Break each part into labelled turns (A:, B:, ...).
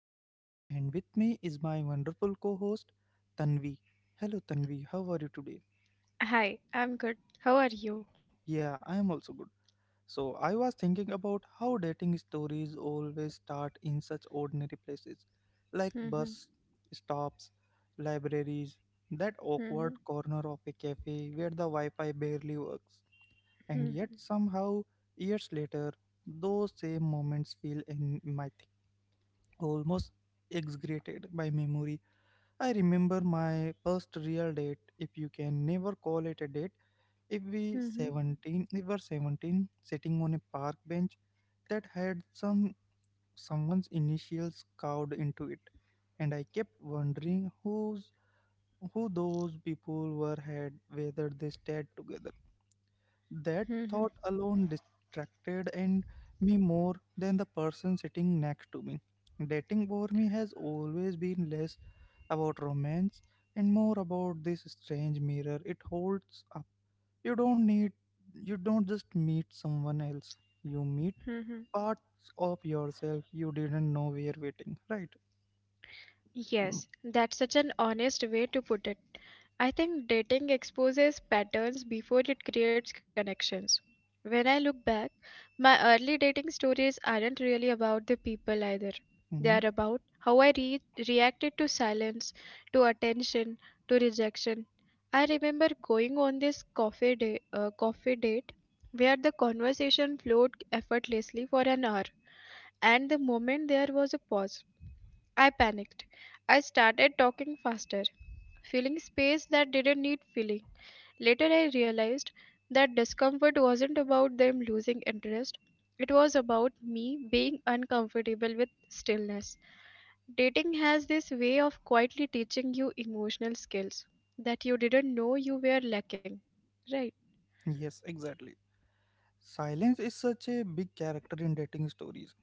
A: stories. And with me is my wonderful co host, Tanvi. Hello, Tanvi, how are you today?
B: Hi, I'm good. How are you?
A: Yeah, I am also good. So, I was thinking about how dating stories always start in such ordinary places like
B: Mhm,
A: bus stops, libraries, that
B: mhm,
A: awkward corner of a cafe where the Wi Fi barely works.
B: mhm,
A: And yet, somehow, years later, those same moments feel almost execrated by memory. I remember my first real date, if you can never call it a date. If we
B: mhm,
A: 17, we were 17, sitting on a park bench that had someone's initials carved into it, and I kept wondering who those people were had whether they stayed together. That
B: mhm,
A: thought alone distracted and me more than the person sitting next to me. Dating for me has always been less about romance and more about this strange mirror it holds up. You don't need you don't just meet someone else. You meet
B: mhm.
A: parts of yourself you didn't know were waiting, right? Mm-hmm.
B: Yes, that's such an honest way to put it. I think dating exposes patterns before it creates connections. When I look back, my early dating stories aren't really about the people either. They
A: Mm-hmm.
B: are about how reacted to silence, to attention, to rejection. I remember going on this coffee date where the conversation flowed effortlessly for an hour, and the moment there was a pause, I panicked. I started talking faster, filling space that didn't need filling. Later, I realized that discomfort wasn't about them losing interest, it was about me being uncomfortable with stillness. Dating has this way of quietly teaching you emotional skills that you didn't know you were lacking. Right?
A: Yes, exactly. Silence is such a big character in dating stories.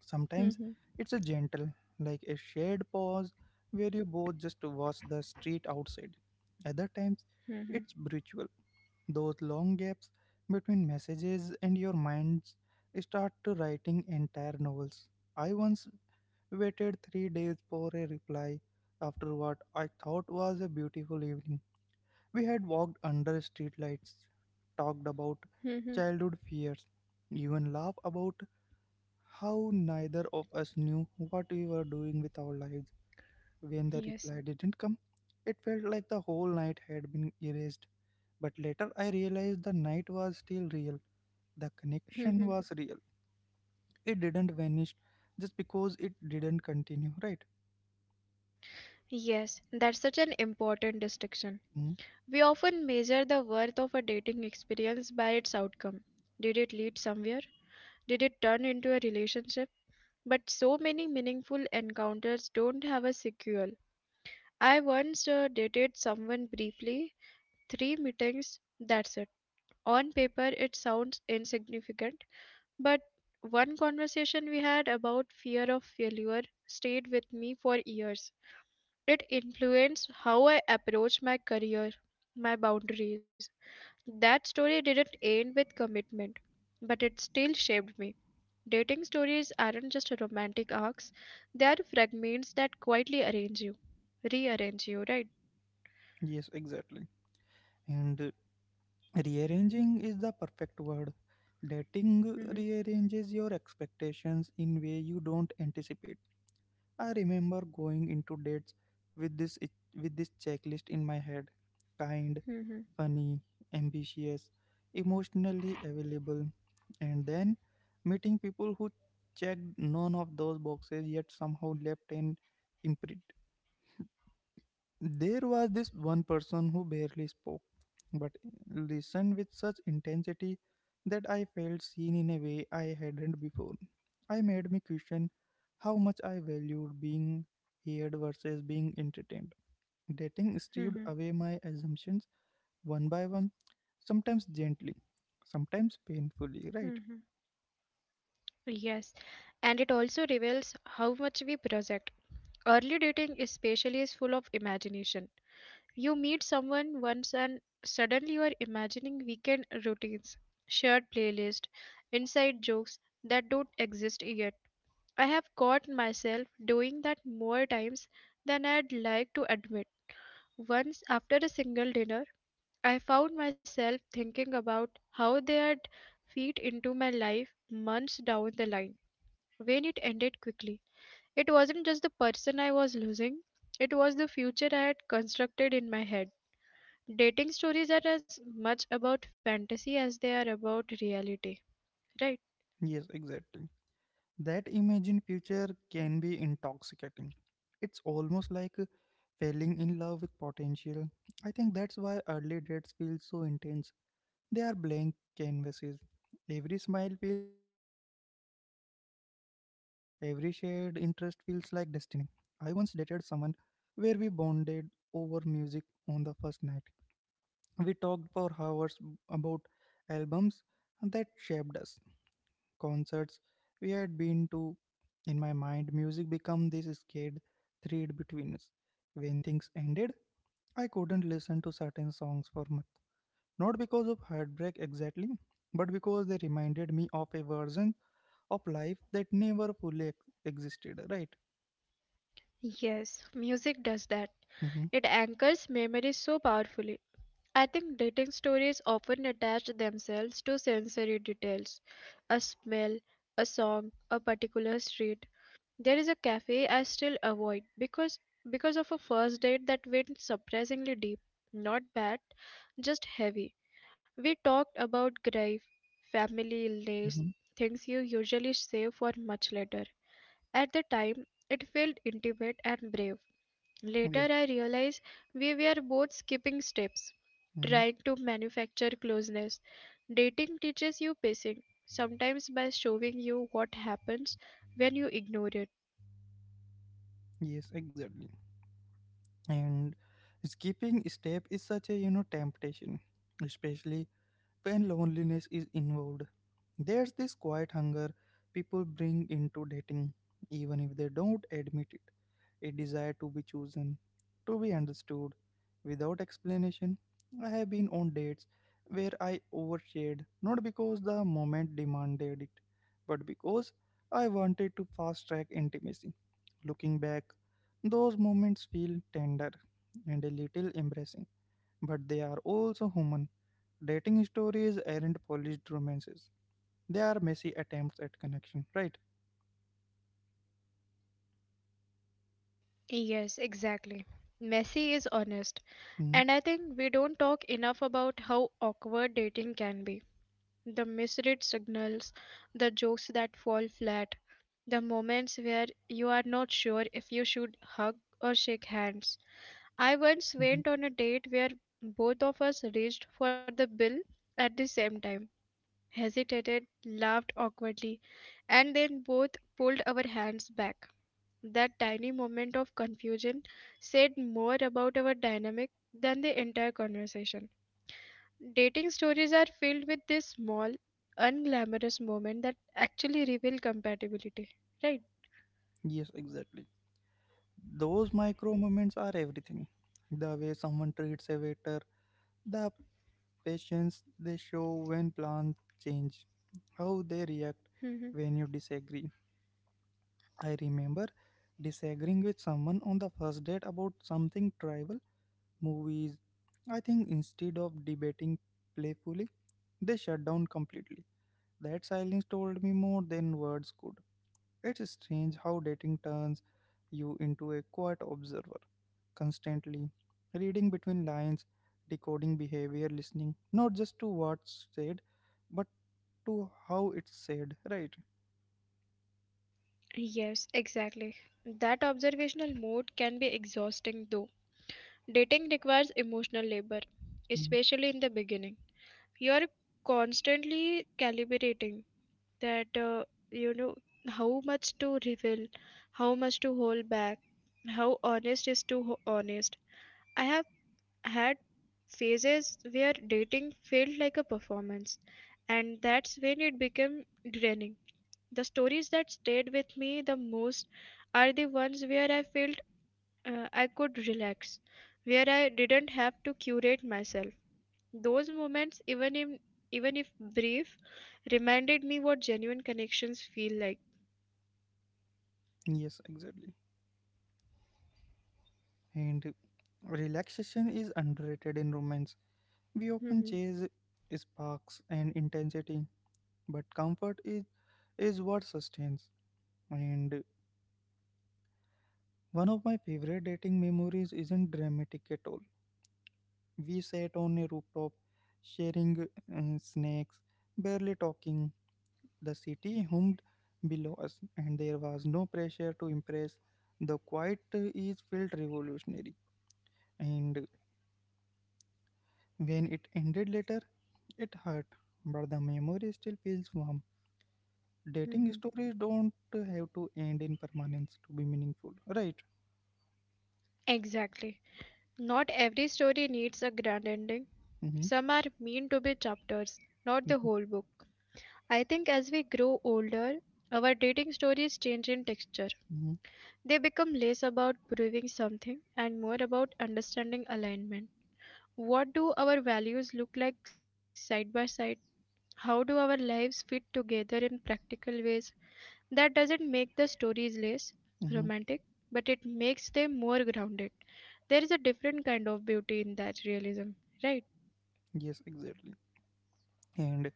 A: Sometimes
B: Mhm,
A: it's a gentle, like a shared pause where you both just watch the street outside. Other times it's
B: mhm,
A: brutal, those long gaps between messages and your minds start to writing entire novels. I once waited 3 days for a reply after what I thought was a beautiful evening. We had walked under streetlights, talked about
B: mhm,
A: childhood fears, even laughed about how neither of us knew what we were doing with our lives when the
B: Yes.
A: reply didn't come. It felt like the whole night had been erased, but later I realized the night was still real. The connection
B: mhm.
A: was real. It didn't vanish just because it didn't continue, right?
B: Yes, that's such an important distinction.
A: Hmm?
B: We often measure the worth of a dating experience by its outcome. Did it lead somewhere? Did it turn into a relationship? But so many meaningful encounters don't have a sequel. I once dated someone briefly, three meetings, that's it. On paper, it sounds insignificant, but one conversation we had about fear of failure stayed with me for years. It influenced how I approach my career, my boundaries. That story didn't end with commitment, but it still shaped me. Dating stories aren't just romantic arcs, they are fragments that quietly arrange you, rearrange you, right?
A: Yes, exactly. And rearranging is the perfect word. Dating
B: hmm
A: rearranges your expectations in way you don't anticipate. I remember going into dates with this with this checklist in my head. Kind,
B: hmm
A: funny, ambitious, emotionally available, and then meeting people who checked none of those boxes yet somehow left an imprint. There was this one person who barely spoke, but listened with such intensity that I felt seen in a way I hadn't before. I made me question how much I valued being heard versus being entertained. Dating stripped
B: hmm
A: away my assumptions one by one, sometimes gently, sometimes painfully,
B: hmm
A: right?
B: Yes, and it also reveals how much we project. Early dating, especially, is full of imagination. You meet someone once and suddenly you are imagining weekend routines, shared playlist, inside jokes that don't exist yet. I have caught myself doing that more times than I'd like to admit. Once, after a single dinner, I found myself thinking about how they had fit into my life months down the line when it ended quickly. It wasn't just the person I was losing, it was the future I had constructed in my head. Dating stories are as much about fantasy as they are about reality, right?
A: Yes, exactly. That imagined future can be intoxicating. It's almost like falling in love with potential. I think that's why early dates feel so intense. They are blank canvases. Every smile feels like a promise. Every shared interest feels like destiny. I once dated someone where we bonded over music on the first night. We talked for hours about albums that shaped us, concerts we had been to. In my mind, music became this scared thread between us. When things ended, I couldn't listen to certain songs for months. Not because of heartbreak exactly, but because they reminded me of a version of life that never fully ex- existed, right?
B: Yes, music does that.
A: Mm-hmm,
B: It anchors memories so powerfully. I think dating stories often attach themselves to sensory details, a smell, a song, a particular street. There is a cafe I still avoid because of a first date that went surprisingly deep. Not bad, just heavy. We talked about grief, family illness,
A: mm-hmm,
B: things you usually save for much later. At the time, it felt intimate and brave.
A: yeah,
B: Later, I realized we were both skipping steps,
A: mm-hmm,
B: trying to manufacture closeness. Dating teaches you pacing, sometimes by showing you what happens when you ignore it.
A: yes, exactly. And skipping step is such a you know temptation, especially when loneliness is involved. There's this quiet hunger people bring into dating, even if they don't admit it. A desire to be chosen, to be understood, without explanation. I have been on dates where I overshared, not because the moment demanded it, but because I wanted to fast track intimacy. Looking back, those moments feel tender and a little embarrassing, but they are also human. Dating stories aren't polished romances, they are messy attempts at connection, right?
B: Yes, exactly. Messy is honest.
A: Mm-hmm.
B: And I think we don't talk enough about how awkward dating can be. The misread signals, the jokes that fall flat, the moments where you are not sure if you should hug or shake hands. I once
A: Mm-hmm.
B: went on a date where both of us reached for the bill at the same time, hesitated, laughed awkwardly, and then both pulled our hands back. That tiny moment of confusion said more about our dynamic than the entire conversation. Dating stories are filled with this small, unglamorous moment that actually reveal compatibility, right?
A: Yes, exactly. Those micro moments are everything. The way someone treats a waiter, the patience they show when plans change, how they react
B: Mhm.
A: when you disagree. I remember disagreeing with someone on the first date about something trivial, movies. I think instead of debating playfully, they shut down completely. That silence told me more than words could. It's strange how dating turns you into a quiet observer, constantly reading between lines, decoding behavior, listening not just to what's said, but to how it's said, right?
B: Yes, exactly. That observational mode can be exhausting though. Dating requires emotional labor,
A: Mm.
B: especially in the beginning. You're constantly calibrating that, uh, you know, how much to reveal, how much to hold back, how honest is honest. I have had phases where dating felt like a performance, and that's when it became draining. The stories that stayed with me the most are the ones where I felt I could relax, where I didn't have to curate myself. Those moments, even if brief, reminded me what genuine connections feel like.
A: Yes, exactly. And relaxation is underrated in romance. We often chase sparks and intensity, but is what sustains. And one of my favorite dating memories isn't dramatic at all. We sat on a rooftop, sharing snacks, barely
B: Mhm,
A: talking.
B: mhm,
A: The city hummed below us, and there was no pressure to impress. The quiet is felt revolutionary, and when it ended later, it hurt, but the memory still feels warm. Dating
B: mhm.
A: stories don't have to end in permanence to be meaningful, right?
B: Exactly. Not every story needs a grand ending.
A: Mm-hmm,
B: Some are meant to be chapters, not the
A: mm-hmm,
B: whole book. I think as we grow older, our dating stories change in texture.
A: mm-hmm,
B: They become less about proving something and more about understanding alignment. What do our values look like side by side? How do our lives fit together in practical ways? That doesn't make the stories less
A: mm-hmm.
B: romantic, but it makes them more grounded. There is a different kind of beauty in that realism, right?
A: Yes, exactly. And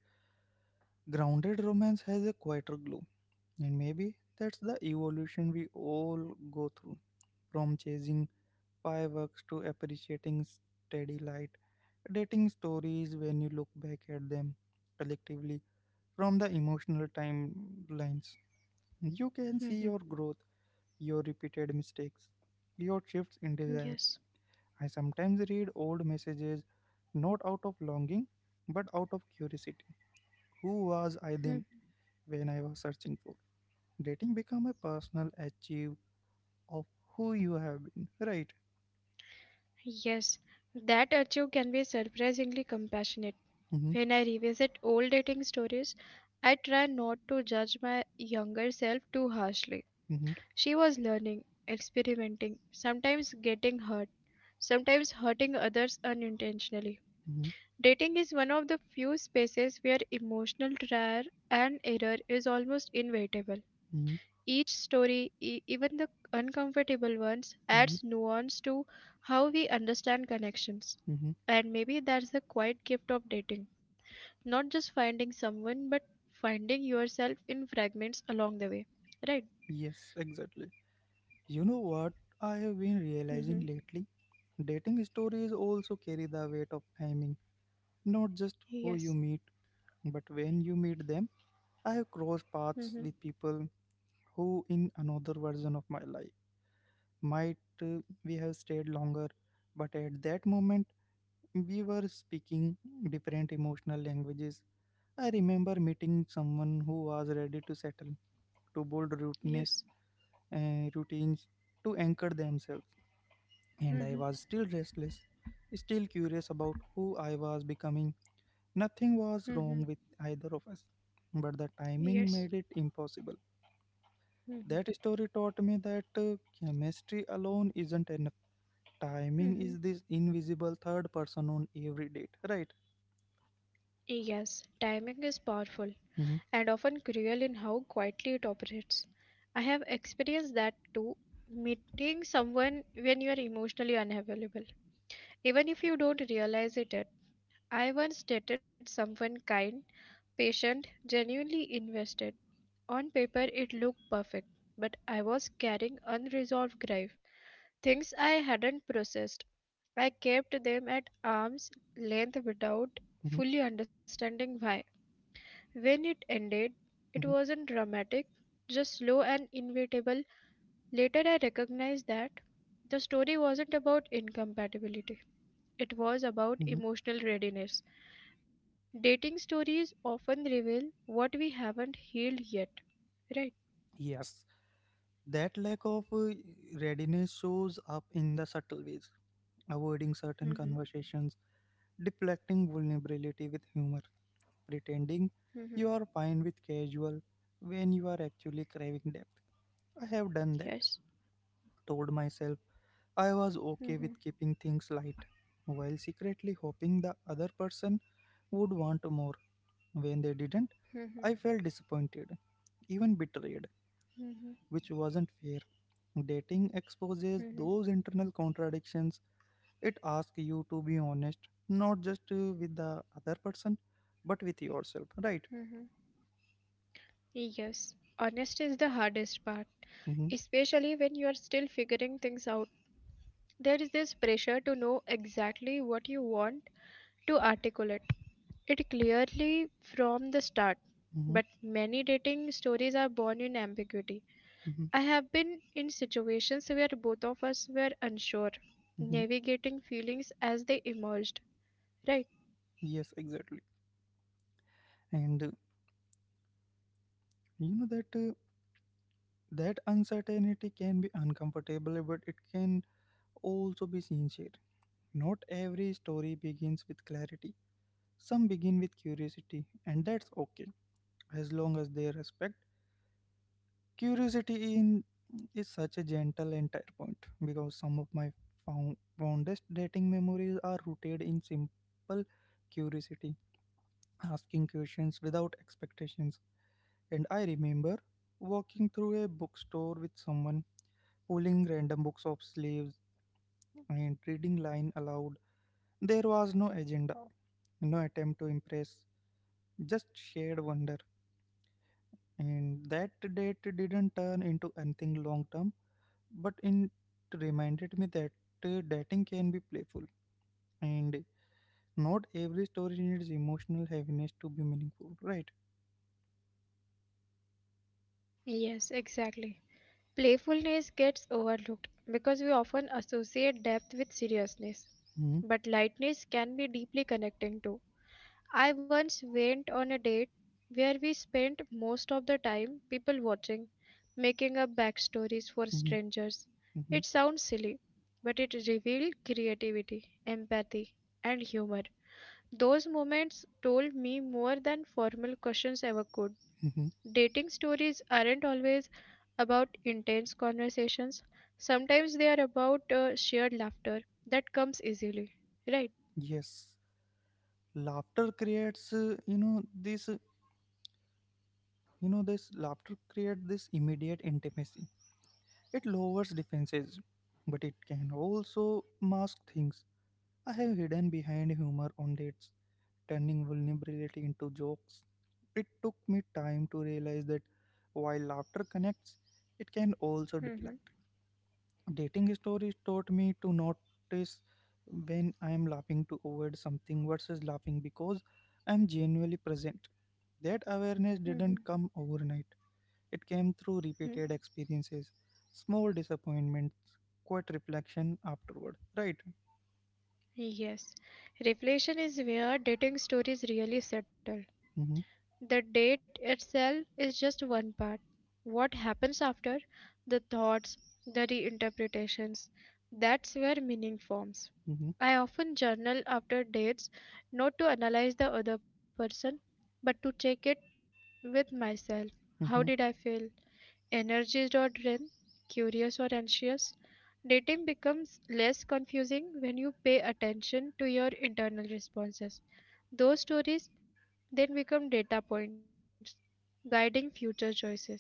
A: grounded romance has a quieter glow. And maybe that's the evolution we all go through, from chasing fireworks to appreciating steady light, dating stories when you look back at them collectively from the emotional timelines. You can see
B: hmm
A: your growth, your repeated mistakes, your shifts in desire.
B: Yes.
A: I sometimes read old messages not out of longing but out of curiosity. Who was I
B: hmm
A: then, when I was searching for? Dating become a personal achieve of who you have been, right?
B: Yes, that archive can be surprisingly compassionate.
A: Mm-hmm,
B: When I revisit old dating stories, I try not to judge my younger self too harshly.
A: mm-hmm,
B: She was learning, experimenting, sometimes getting hurt, sometimes hurting others unintentionally.
A: mm-hmm,
B: Dating is one of the few spaces where emotional trial and error is almost inevitable.
A: mm-hmm,
B: Each story, even the uncomfortable ones,
A: mm-hmm,
B: adds nuance to how we understand connections.
A: mm-hmm.
B: And maybe that's the quiet gift of dating. Not just finding someone, but finding yourself in fragments along the way. Right?
A: Yes, exactly. You know what, I have been realizing
B: hmm
A: lately, dating stories also carry the weight of timing, not just who you
B: Yes.
A: meet but when you meet them. I have crossed paths
B: hmm
A: with people who, in another version of my life, might we have stayed longer, but at that moment we were speaking different emotional languages. I remember meeting
B: Mm-hmm.
A: someone who was ready to settle, to build
B: Yes.
A: routines, to anchor themselves. And I was
B: Mm-hmm.
A: still restless, still curious about who I was becoming. Nothing was wrong
B: Mm-hmm.
A: with either of us, but the timing made
B: Yes.
A: it impossible. That
B: Mm-hmm.
A: story taught me that chemistry alone isn't enough. Timing is
B: Mm-hmm.
A: this invisible third person on every date, right?
B: Yes. Timing is powerful
A: Hmm.
B: and often cruel in how quietly it operates. I have experienced that too. Meeting someone when you are emotionally unavailable, even if you don't realize it yet. I once dated someone kind, patient, genuinely invested. On paper, it looked perfect, but I was carrying unresolved grief, things I hadn't processed. I kept them at arm's
A: Hmm.
B: length without fully understanding why. When it ended, it wasn't dramatic, just slow and inevitable. Later, I recognized that the story wasn't about incompatibility, it was
A: Mhm.
B: about emotional readiness. Dating stories often reveal what we haven't healed yet, right?
A: Yes, that lack of readiness shows up in the subtle ways, avoiding certain
B: Mm-hmm.
A: conversations, deflecting vulnerability with humor, pretending
B: Mm-hmm.
A: you are fine with casual when you are actually craving depth. I have done that,
B: Yes.
A: told myself I was okay with
B: Mm-hmm.
A: keeping things light, while secretly hoping the other person would want more. When they didn't,
B: Mm-hmm.
A: I felt disappointed, even betrayed, which wasn't fair. Dating exposes
B: Mm-hmm.
A: those internal contradictions. It asks you to be honest, not just with the other person, but with yourself, right?
B: Mm-hmm. Yes. Honesty is the hardest part,
A: Mm-hmm,
B: especially when you are still figuring things out. There is this pressure to know exactly what you want, to articulate it clearly from the start.
A: mm-hmm,
B: But many dating stories are born in ambiguity.
A: mm-hmm,
B: I have been in situations where both of us were unsure,
A: mm-hmm.
B: navigating feelings as they emerged. Right?
A: Yes, exactly. And you know that uh, that uncertainty can be uncomfortable, but it can also be sincere. Not every story begins with clarity. Some begin with curiosity, and that's okay as long as they respect. Curiosity in is such a gentle entire point, because some of my fondest dating memories are rooted in simple curiosity, asking questions without expectations. And I remember walking through a bookstore with someone, pulling random books off sleeves and reading line aloud. There was no agenda, no attempt to impress, just shared wonder. And that date didn't turn into anything long term, but it reminded me that dating can be playful, and not every story needs emotional heaviness to be meaningful, right?
B: Yes, exactly. Playfulness gets overlooked because we often associate depth with seriousness,
A: Hmm.
B: but lightness can be deeply connecting too. I once went on a date where we spent most of the time people watching, making up backstories for
A: Hmm.
B: strangers.
A: Hmm.
B: It sounds silly, but it revealed creativity, empathy, and humor. Those moments told me more than formal questions ever could.
A: Hmm.
B: Dating stories aren't always about intense conversations, sometimes they are about shared laughter that comes easily. Right?
A: Yes, laughter creates you know this laughter creates this immediate intimacy, it lowers defenses, but it can also mask things. I have hidden behind humor on dates, turning
B: hmm
A: vulnerability into jokes. It took me
B: Yes.
A: time to realize that while laughter connects, it can also
B: hmm
A: deflect. Dating stories taught me to notice when I am laughing to avoid something versus laughing because I am genuinely present. That awareness
B: hmm
A: didn't come overnight, it came through repeated experiences, small disappointments, quiet reflection afterward. Right?
B: Yes, reflection is where dating stories really settle.
A: Mm-hmm,
B: The date itself is just one part. What happens after, the thoughts, the reinterpretations, that's where meaning forms.
A: mm-hmm,
B: I often journal after dates, not to analyze the other person, but to check it with myself. How did
A: mm-hmm.
B: I feel? Energies.rin, curious or anxious. Dating becomes less confusing when you pay attention to your internal responses. Those stories then become data points guiding future choices.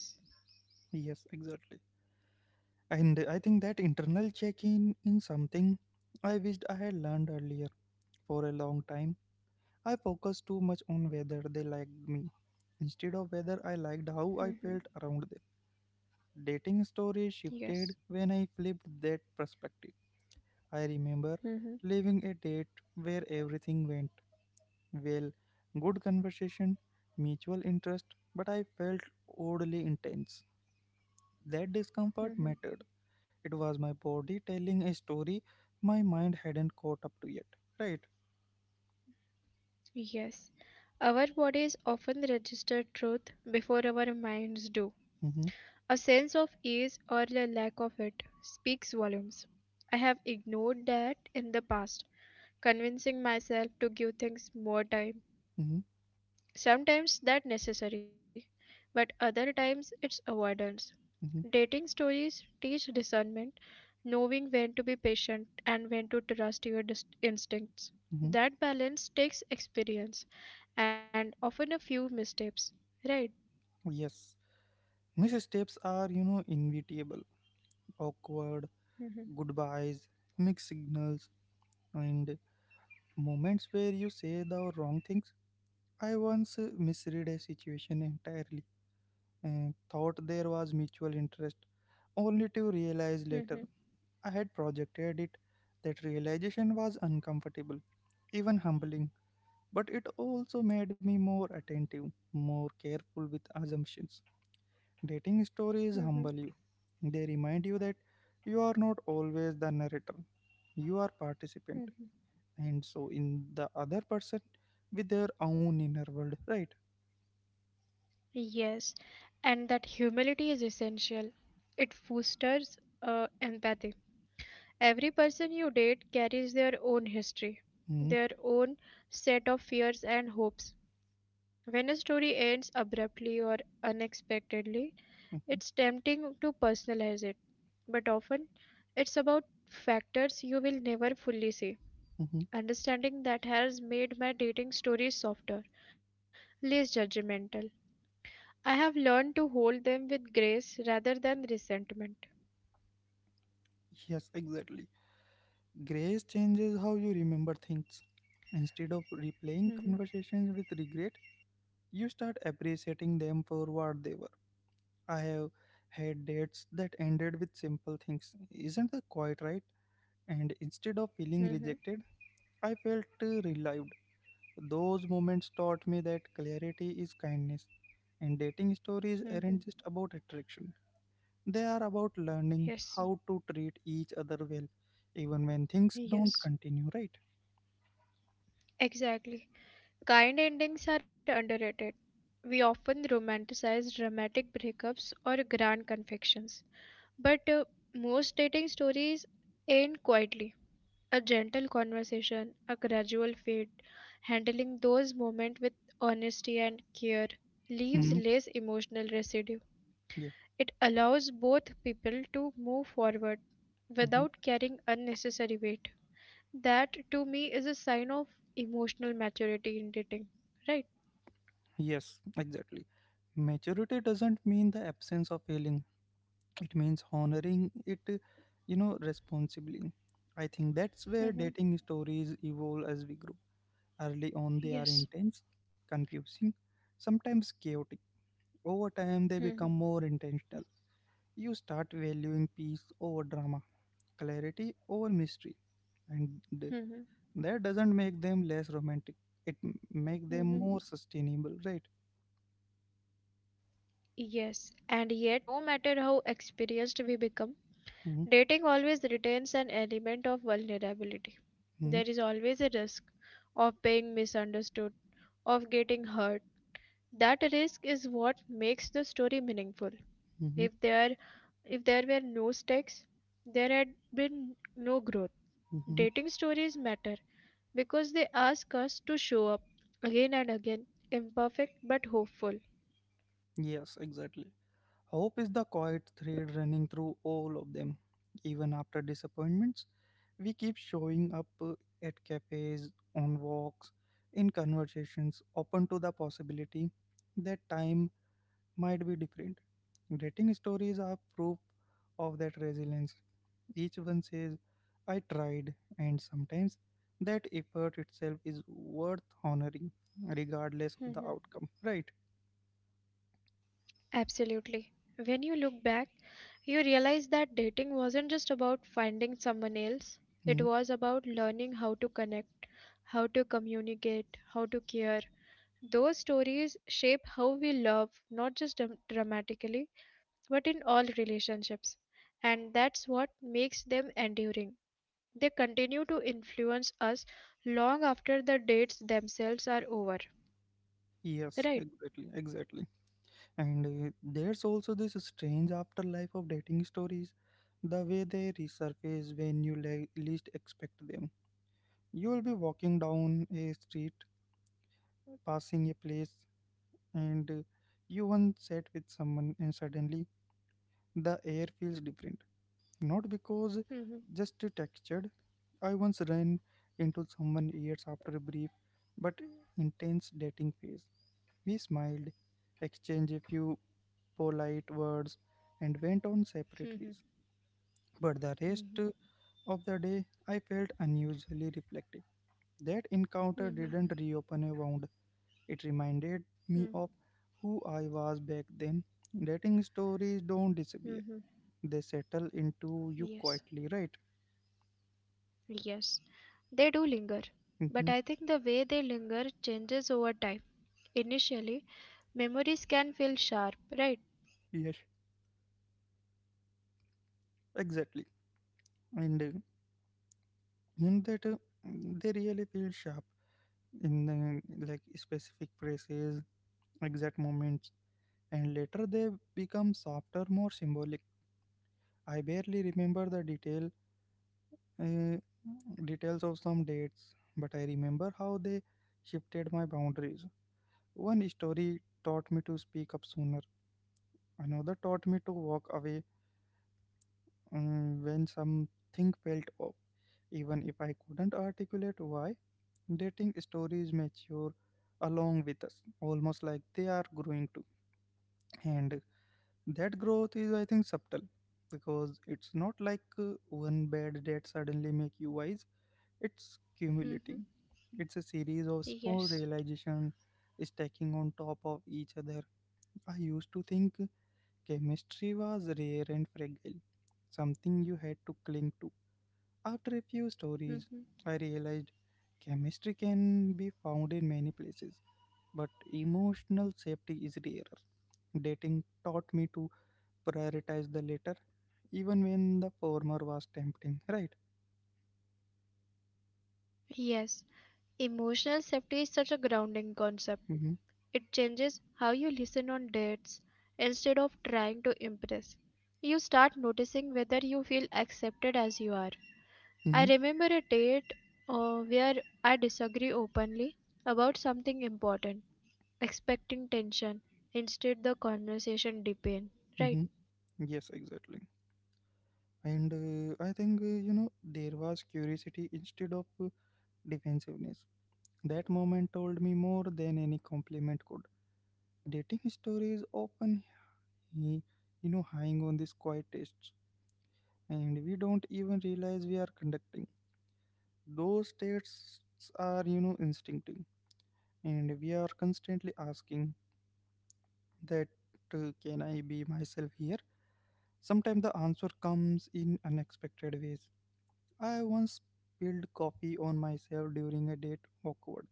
A: Yes, exactly. And I think that internal check in something I wished I had learned earlier. For a long time, I focused too much on whether they liked me instead of whether I liked
B: Mhm.
A: how I felt around them. Dating stories
B: Yes.
A: shifted when I flipped that perspective. I remember
B: Mhm.
A: leaving a date where everything went well, good conversation, mutual interest, but I felt oddly intense. That
B: Mhm.
A: discomfort mattered, it was my body telling a story my mind hadn't caught up to yet. Right?
B: Yes. Our bodies often register truth before our minds do.
A: Mm-hmm,
B: A sense of ease or the lack of it speaks volumes. I have ignored that in the past, convincing myself to give things more time.
A: mm-hmm,
B: Sometimes that necessary, but other times it's avoidance.
A: mm-hmm,
B: Dating stories teach discernment, knowing when to be patient and when to trust your instincts.
A: mm-hmm.
B: That balance takes experience and often a few missteps, right?
A: Yes. Missteps are, inevitable. Awkward
B: Mhm,
A: goodbyes, mixed signals, and moments where you say the wrong things. I once misread a situation entirely and thought there was mutual interest, only to realize later
B: mhm,
A: I had projected it. That realization was uncomfortable, even humbling, but it also made me more attentive, more careful with assumptions. Dating stories
B: mhm,
A: humble you. They remind you that you are not always the narrator. You are participant,
B: mhm.
A: and so in the other person, with their own inner world, right?
B: Yes, and that humility is essential. It fosters empathy. Every person you date carries their own history,
A: Hmm.
B: their own set of fears and hopes. When a story ends abruptly or unexpectedly, it's
A: Hmm.
B: tempting to personalize it, but often it's about factors you will never fully see. Understanding that has made my dating stories softer, less judgmental. I have learned to hold them with grace rather than resentment.
A: Yes, exactly. Grace changes how you remember things. Instead of replaying
B: Mm-hmm,
A: conversations with regret, you start appreciating them for what they were. I have had dates that ended with simple things. Isn't that quite right? And instead of feeling rejected,
B: mm-hmm,
A: I felt relieved. Those moments taught me that clarity is kindness. And dating stories aren't
B: mm-hmm.
A: just about attraction, they are about learning how
B: Yes,
A: to treat each other well, even when things don't
B: Yes.
A: continue right.
B: exactly. Kind endings are underrated. We often romanticize dramatic breakups or grand confections, but most dating stories end quietly. A gentle conversation, a gradual fade, handling those moments with honesty and care leaves
A: Hmm.
B: less emotional residue.
A: Yeah.
B: It allows both people to move forward
A: Hmm.
B: without carrying unnecessary weight. That to me is a sign of emotional maturity in dating, right?
A: Yes, exactly. Maturity doesn't mean the absence of failing, it means honoring it, you know, responsibly. I think that's where
B: Mm-hmm.
A: dating stories evolve as we grow. Early on, they are
B: Yes.
A: intense, confusing, sometimes chaotic. Over time, they
B: Mm-hmm.
A: become more intentional. You start valuing peace over drama, clarity over mystery, and
B: Mm-hmm.
A: that doesn't make them less romantic. It make them
B: Mm-hmm.
A: more sustainable, right?
B: Yes. And yet, no matter how experienced we become,
A: Mm-hmm,
B: dating always retains an element of vulnerability. There is always a risk of being misunderstood, of getting hurt. That risk is what makes the story meaningful.
A: mm-hmm,
B: If there If there were no stakes, there had been no growth.
A: mm-hmm.
B: Dating stories matter because they ask us to show up again and again, imperfect but hopeful.
A: Yes, exactly. Hope is the quiet thread running through all of them. Even after disappointments, we keep showing up at cafes, on walks, in conversations, open to the possibility that time might be different. Dating stories are proof of that resilience. Each one says, I tried, and sometimes that effort itself is worth honoring, regardless of the
B: Mhm.
A: outcome. Right?
B: Absolutely. When you look back, you realize that dating wasn't just about finding someone else,
A: Hmm.
B: it was about learning how to connect, how to communicate, how to care. Those stories shape how we love, not just dramatically, but in all relationships. And that's what makes them enduring. They continue to influence us long after the dates themselves are over. Right?
A: Yes, exactly, exactly. And there's also this strange afterlife of dating stories, the way they resurface when you least expect them. You will be walking down a street, passing a place, and you once sat with someone, and suddenly the air feels different. Not because
B: Mm-hmm.
A: just textured. I once ran into someone years after a brief but intense dating phase. We smiled, exchanged a few polite words, and went on separate
B: Mm-hmm.
A: ways. But the rest
B: Mm-hmm.
A: of the day, I felt unusually reflective. That encounter
B: Mm-hmm.
A: didn't reopen a wound, it reminded
B: Mm-hmm.
A: me of who I was back then. Dating stories don't
B: Mm-hmm.
A: disappear, they settle into
B: Yes.
A: you quietly, right?
B: Yes. They do linger. But
A: Hmm.
B: I think the way they linger changes over time. Initially, memories can feel sharp, right?
A: Yes, exactly. And you know that they really feel sharp in like specific phrases, exact moments, and later they become softer, more symbolic. I barely remember the uh, details of some dates, but I remember how they shifted my boundaries. One story taught me to speak up sooner. Another taught me to walk away when something felt off, even if I couldn't articulate why. Dating stories mature along with us, almost like they are growing too. And that growth is, I think, subtle, because it's not like one bad debt suddenly make you wise, it's
B: Mm-hmm.
A: cumulating, it's a series of small
B: Yes.
A: realization stacking on top of each other. I used to think chemistry was rare and fragile, something you had to cling to. After a few stories
B: Mm-hmm.
A: I realized chemistry can be found in many places, but emotional safety is rarer. Dating taught me to prioritize the latter even when the former was tempting, right?
B: Yes. Emotional safety is such a grounding concept.
A: Mm-hmm.
B: It changes how you listen on dates. Instead of trying to impress, you start noticing whether you feel accepted as you are. I
A: Mm-hmm.
B: remember a date where I disagree openly about something important, expecting tension. Instead, the conversation deepened. Right?
A: Mm-hmm. Yes, exactly. And I think, you know, there was curiosity instead of defensiveness. That moment told me more than any compliment could. Dating stories often, he- you know, hang on these quiet tests, and we don't even realize we are conducting. Those tests are, you know, instinctive, and we are constantly asking that can I be myself here? Sometimes the answer comes in unexpected ways. I once spilled coffee on myself during a date, awkward,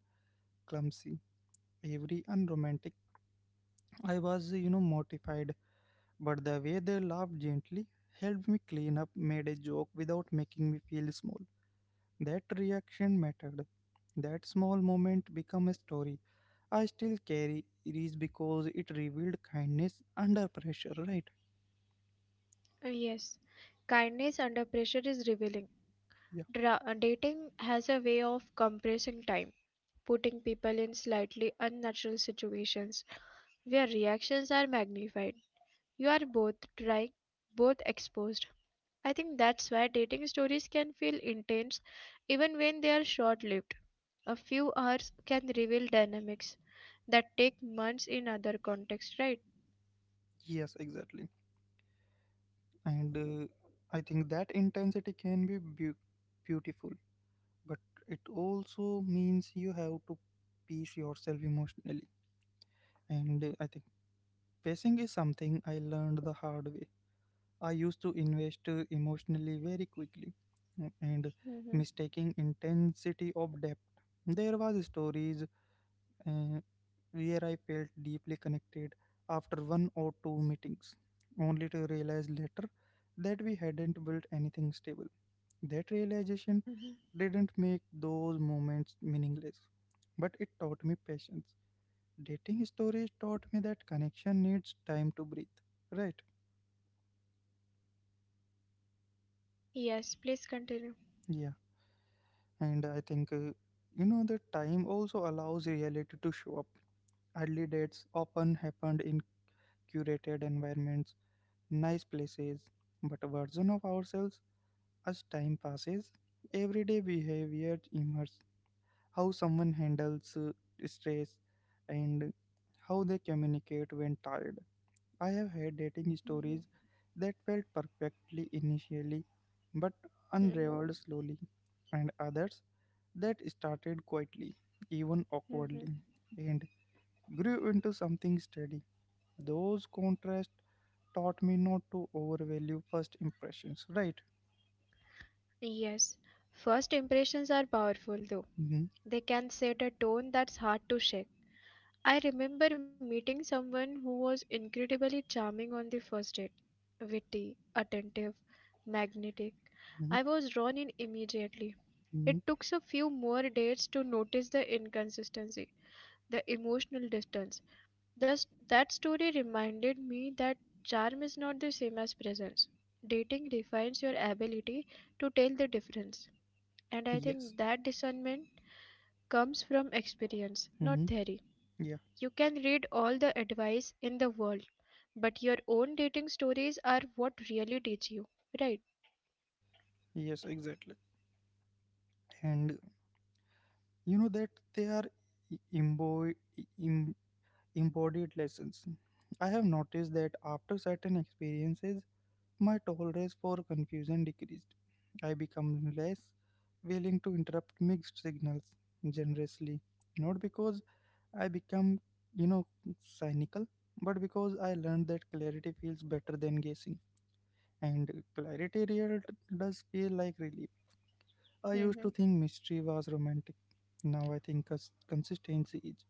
A: clumsy, every unromantic. I was, you know, mortified, but the way they laughed gently, helped me clean up, made a joke without making me feel small. That reaction mattered. That small moment became a story. I still carry it is because it revealed kindness under pressure, right?
B: Yes. Kindness under pressure is revealing.
A: Yeah.
B: Dating has a way of compressing time, putting people in slightly unnatural situations where reactions are magnified. You are both trying, both exposed. I think that's why dating stories can feel intense even when they are short lived. A few hours can reveal dynamics that take months in other contexts, right?
A: Yes, exactly. And I think that intensity can be beautiful, but it also means you have to pace yourself emotionally. And I think pacing is something I learned the hard way. I used to invest emotionally very quickly, and
B: hmm
A: mistaking intensity of depth, there was stories uh, where I felt deeply connected after one or two meetings, only to realize later that we hadn't built anything stable. That realization
B: hmm
A: didn't make those moments meaningless, but it taught me patience. Dating stories taught me that connection needs time to breathe. Right?
B: Yes, please continue.
A: Yeah. And I think, you know, that time also allows reality to show up. Early dates often happened in curated environments, nice places, but a version of ourselves. As time passes, everyday behavior emerges, how someone handles stress and how they communicate when tired. I have had dating
B: hmm
A: stories that felt perfectly initially but
B: hmm
A: unraveled slowly, and others that started quietly, even
B: hmm
A: awkwardly, and grew into something steady. Those contrasts taught me not to overvalue first impressions, right?
B: Yes, first impressions are powerful though.
A: Mm-hmm.
B: They can set a tone that's hard to shake. I remember meeting someone who was incredibly charming on the first date, witty, attentive, magnetic.
A: Mm-hmm.
B: I was drawn in immediately.
A: Mm-hmm.
B: It took a few more dates to notice the inconsistency, the emotional distance. Thus, that story reminded me that charm is not the same as presence. Dating refines your ability to tell the difference. And I
A: Yes.
B: think that discernment comes from experience, not
A: Mm-hmm.
B: theory.
A: Yeah.
B: You can read all the advice in the world, but your own dating stories are what really teach you, right?
A: Yes, exactly. And you know that they are e- embo- embodied lessons. I have noticed that after certain experiences my tolerance for confusion decreased. I become less willing to interrupt mixed signals generously, not because I become, you know, cynical, but because I learned that clarity feels better than guessing. And clarity real does feel like relief. I used to
B: Mm-hmm.
A: think mystery was romantic, now I think consistency is.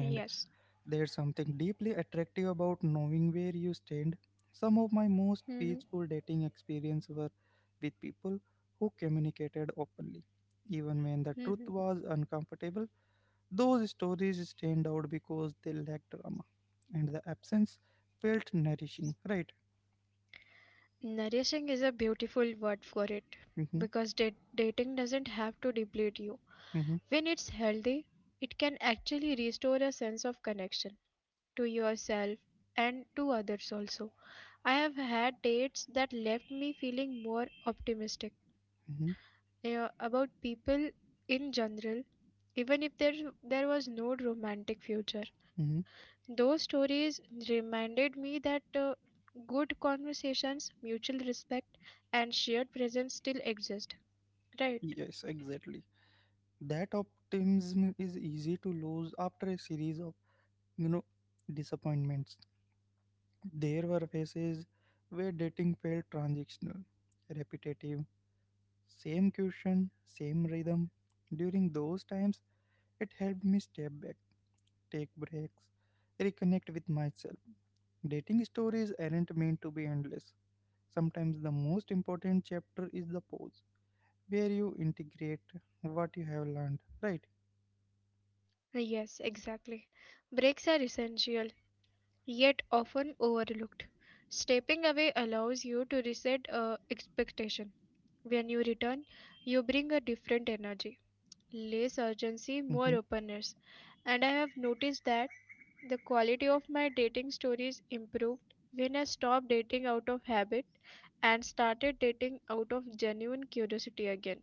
A: And
B: Yes.
A: there's something deeply attractive about knowing where you stand. Some of my most
B: Mm-hmm.
A: peaceful dating experiences were with people who communicated openly. Even when the truth
B: Mm-hmm.
A: was uncomfortable, those stories stand out because they lack drama. And the absence felt nourishing, right?
B: Nourishing is a beautiful word for it
A: Mm-hmm,
B: because dating doesn't have to deplete you.
A: mm-hmm,
B: When it's healthy, it can actually restore a sense of connection to yourself and to others also. I have had dates that left me feeling more optimistic
A: mm-hmm,
B: about people in general, even if there was no romantic future.
A: mm-hmm.
B: Those stories reminded me that good conversations, mutual respect, and shared presence still exist. Right?
A: Yes, exactly. That optimism is easy to lose after a series of, you know, disappointments. There were phases where dating felt transactional, repetitive, same question, same rhythm. During those times, it helped me step back, take breaks, reconnect with myself. Dating stories aren't meant to be endless. Sometimes the most important chapter is the pause, where you integrate what you have learned, right?
B: Yes, exactly. Breaks are essential, yet often overlooked. Stepping away allows you to reset expectations. When you return, you bring a different energy, less urgency,
A: Mm-hmm,
B: more openness. And I have noticed that the quality of my dating stories improved when I stopped dating out of habit and started dating out of genuine curiosity again.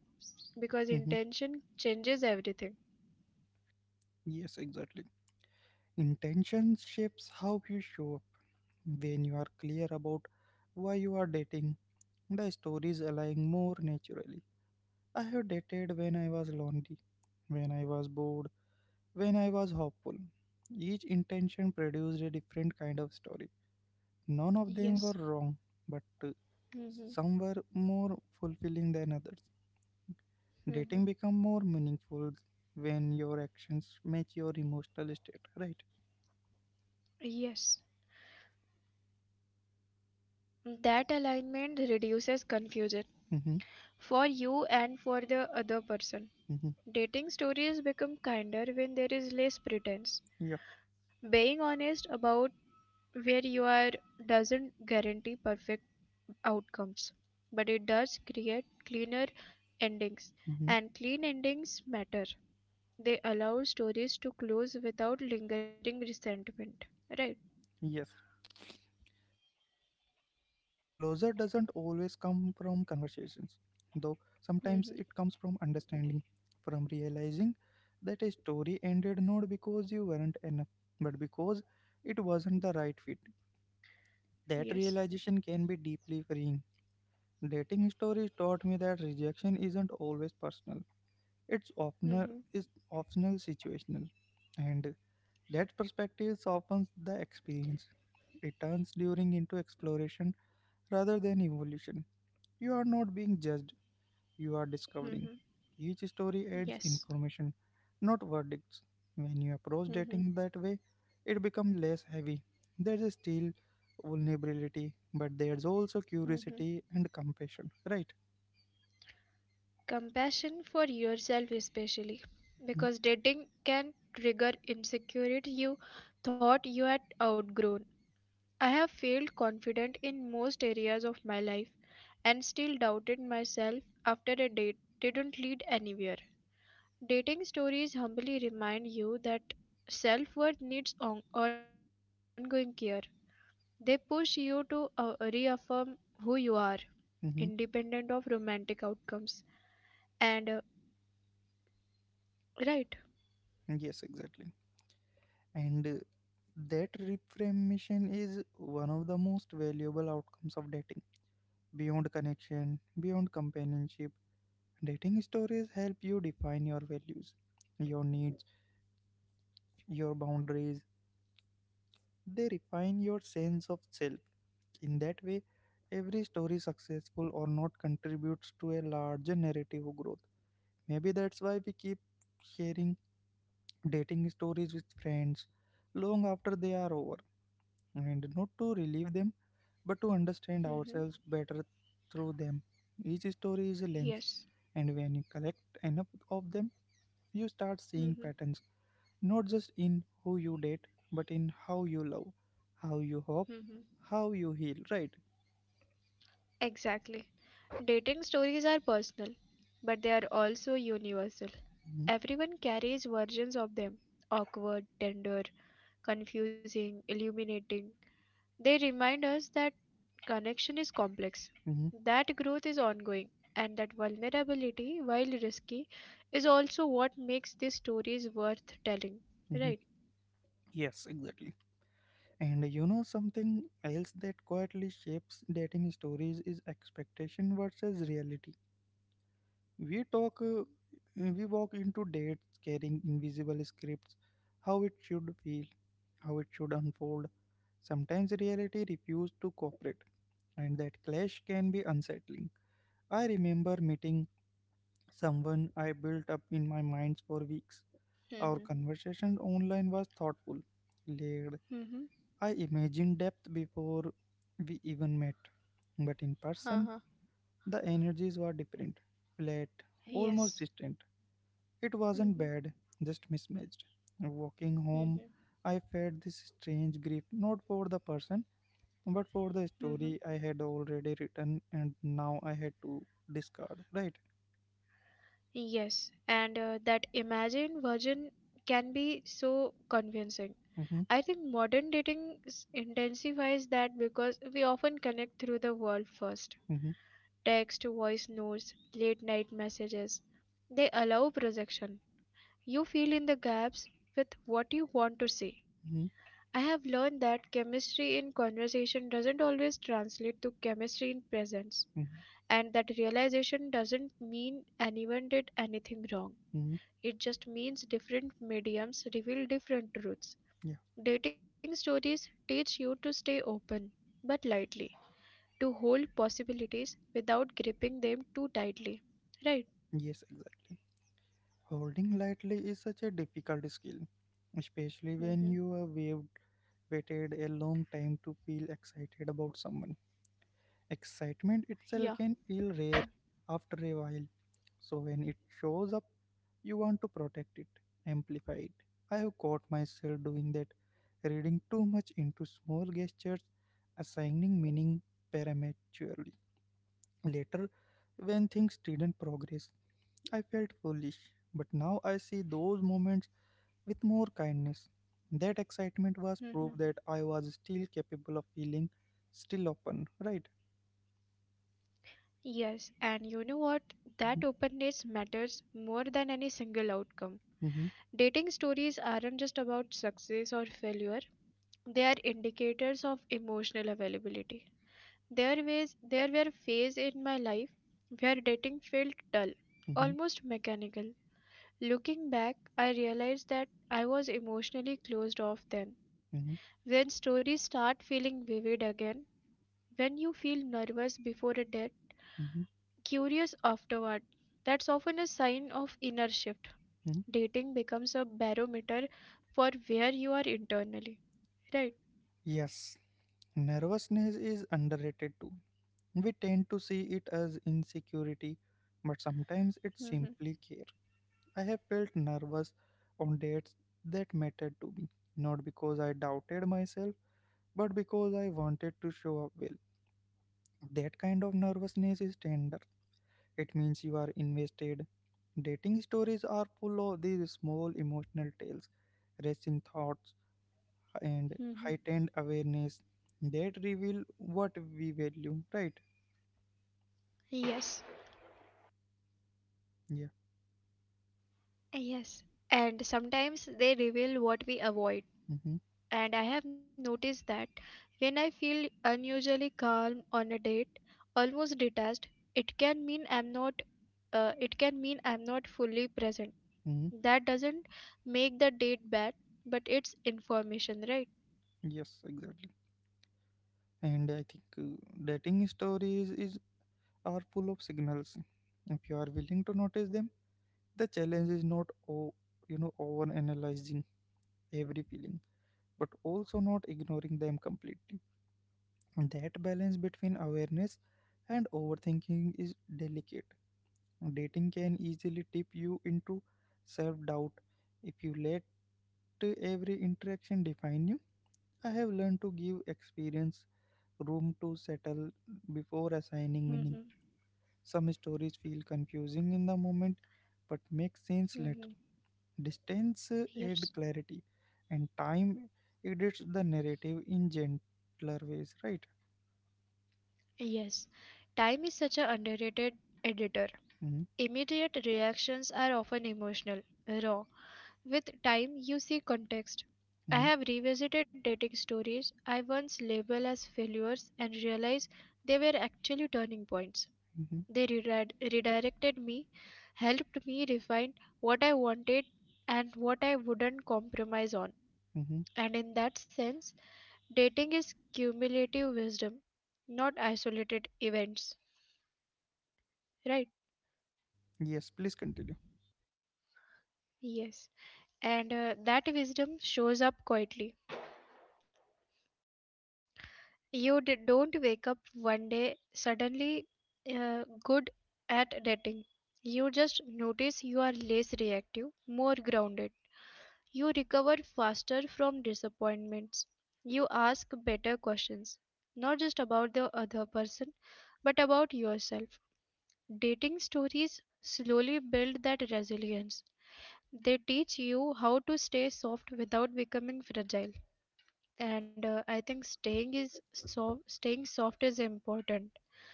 B: Because
A: mm-hmm.
B: intention changes everything.
A: Yes, exactly. Intention shapes how you show up. When you are clear about why you are dating, the stories align more naturally. I have dated when I was lonely, when I was bored, when I was hopeful. Each intention produced a different kind of story. None of them were
B: Yes.
A: wrong, but
B: hmm
A: some were more fulfilling than others.
B: hmm
A: Dating become more meaningful when your actions match your emotional state, right?
B: Yes. That alignment reduces confusion,
A: Mm-hmm,
B: for you and for the other person.
A: mm-hmm,
B: Dating stories become kinder when there is less pretense.
A: yeah,
B: Being honest about where you are doesn't guarantee perfect outcomes, but it does create cleaner endings,
A: mm-hmm,
B: and clean endings matter. They allow stories to close without lingering resentment. Right?
A: yes. Closure doesn't always come from conversations, though
B: Mm-hmm.
A: sometimes it comes from understanding, from realizing that a story ended not because you weren't enough, but because it wasn't the right fit. That
B: Yes.
A: realization can be deeply freeing. Dating stories taught me that rejection isn't always personal. It's optional,
B: Mm-hmm.
A: it's optional situational. And that perspective softens the experience. It turns during into exploration rather than evolution. You are not being judged, you are discovering.
B: Mm-hmm.
A: Each story adds
B: Yes.
A: information, not verdicts. When you approach
B: Mm-hmm.
A: dating that way, it becomes less heavy. There's still vulnerability, but there's also
B: Mm-hmm.
A: curiosity and compassion, right?
B: Compassion for yourself especially,
A: Mm-hmm.
B: because dating can trigger insecurity you thought you had outgrown. I have felt confident in most areas of my life and still doubted myself after a date didn't lead anywhere. Dating stories humbly remind you that self worth needs ongoing care. They push you to reaffirm who you are, independent of
A: Mm-hmm.
B: romantic outcomes. And, right.
A: Yes, exactly. And that reframing is one of the most valuable outcomes of dating. Beyond connection, beyond companionship, dating stories help you define your values, your needs, your boundaries. They refine your sense of self. In that way, every story, successful or not, contributes to a larger narrative of growth. Maybe that's why we keep sharing dating stories with friends long after they are over, and not to
B: Mhm,
A: relieve them, but to understand
B: mhm.
A: ourselves better through them. Each story is a lens,
B: Yes.
A: and when you collect enough of them, you start seeing
B: Mhm,
A: patterns. Not just in who you date, but in how you love, how you hope,
B: mhm.
A: how you heal, right?
B: Exactly. Dating stories are personal, but they are also universal.
A: Hmm.
B: Everyone carries versions of them, awkward, tender, confusing, illuminating. They remind us that connection is complex,
A: Hmm.
B: that growth is ongoing, and that vulnerability, while risky, is also what makes these stories worth telling.
A: Hmm.
B: Right?
A: Yes, exactly. And you know something else that quietly shapes dating stories is expectation versus reality. We talk, uh, we walk into dates carrying invisible scripts, how it should feel, how it should unfold. Sometimes reality refuses to cooperate, and that clash can be unsettling. I remember meeting someone I built up in my mind for weeks. Our
B: Mm-hmm.
A: conversation online was thoughtful, layered.
B: Mm-hmm.
A: I imagined depth before we even met. But in person,
B: Uh-huh.
A: the energies were different, flat, almost
B: Yes.
A: distant. It wasn't
B: Mm-hmm.
A: bad, just mismatched. Walking home, I felt this strange grief, not for the person, but for the
B: hmm
A: story I had already written and now I had to discard. Right?
B: Yes, and that imagined version can be so convincing.
A: Mm-hmm,
B: I think modern dating intensifies that because we often connect through the world first.
A: mm-hmm,
B: Text, voice notes, late night messages. They allow projection. You fill in the gaps with what you want to say.
A: mm-hmm,
B: I have learned that chemistry in conversation doesn't always translate to chemistry in presence.
A: mm-hmm,
B: And that realization doesn't mean anyone did anything wrong.
A: mm-hmm.
B: It just means different mediums reveal different truths.
A: Yeah,
B: Dating stories teach you to stay open, but lightly, to hold possibilities without gripping them too tightly. Right?
A: yes, exactly. Holding lightly is such a difficult skill, especially when you
B: hmm
A: have waited a long time to feel excited about someone.
B: Yeah.
A: Excitement itself can feel rare after a while, so when it shows up, you want to protect it, amplify it. I have caught myself doing that, reading too much into small gestures, assigning meaning prematurely. Later, when things didn't progress, I felt foolish, but now I see those moments with more kindness. That excitement was
B: hmm
A: proof that I was still capable of feeling, still open, right?
B: Yes, and you know what? That
A: Hmm.
B: openness matters more than any single outcome.
A: Hmm.
B: Dating stories aren't just about success or failure, they are indicators of emotional availability. There were phases in my life where dating felt dull, almost mechanical. Looking back, I realized that I was emotionally closed off then.
A: Hmm.
B: When stories start feeling vivid again, when you feel nervous before a date,
A: Hmm.
B: curious afterward, that's often a sign of inner shift.
A: Hmm.
B: Dating becomes a barometer for where you are internally, right?
A: Yes, nervousness is underrated too. We tend to see it as insecurity, but sometimes it's
B: hmm
A: simply care. I have felt nervous on dates that mattered to me, not because I doubted myself, but because I wanted to show up well. That kind of nervousness is tender. It means you are invested. Dating stories are full of these small emotional tales, racing thoughts, and
B: hmm
A: heightened awareness that reveal what we value, right?
B: Yes,
A: Yeah.
B: yes. And sometimes they reveal what we avoid,
A: Mm-hmm.
B: and I have noticed that when I feel unusually calm on a date, almost detached, it can mean I'm not it can mean I'm not fully present.
A: Mm-hmm.
B: That doesn't make the date bad, but it's information, right?
A: Yes, exactly. And I think dating stories is are full of signals. If you are willing to notice them, the challenge is not, oh, over analyzing every feeling but also not ignoring them completely. That balance between awareness and overthinking is delicate. Dating can easily tip you into self doubt if you let every interaction define you. I have learned to give experience room to settle before assigning
B: Mm-hmm.
A: meaning. Some stories feel confusing in the moment but make sense later.
B: hmm
A: Distance add
B: Yes.
A: clarity and time edits the narrative in gentler ways, right?
B: Yes. Time is such an underrated editor.
A: Mm-hmm,
B: Immediate reactions are often emotional, raw. With time, you see context.
A: mm-hmm,
B: I have revisited dating stories I once labeled as failures and realized they were actually turning points.
A: mm-hmm,
B: They redirected me, helped me refine what I wanted and what I wouldn't compromise on.
A: mm-hmm.
B: And in that sense, dating is cumulative wisdom, not isolated events. Right?
A: Yes, please continue.
B: Yes. And that wisdom shows up quietly. You don't wake up one day suddenly good at dating. You just notice you are less reactive, more grounded. You recover faster from disappointments. You ask better questions, not just about the other person, but about yourself. Dating stories slowly build that resilience. They teach you how to stay soft without becoming fragile, and I think staying is so staying soft is important.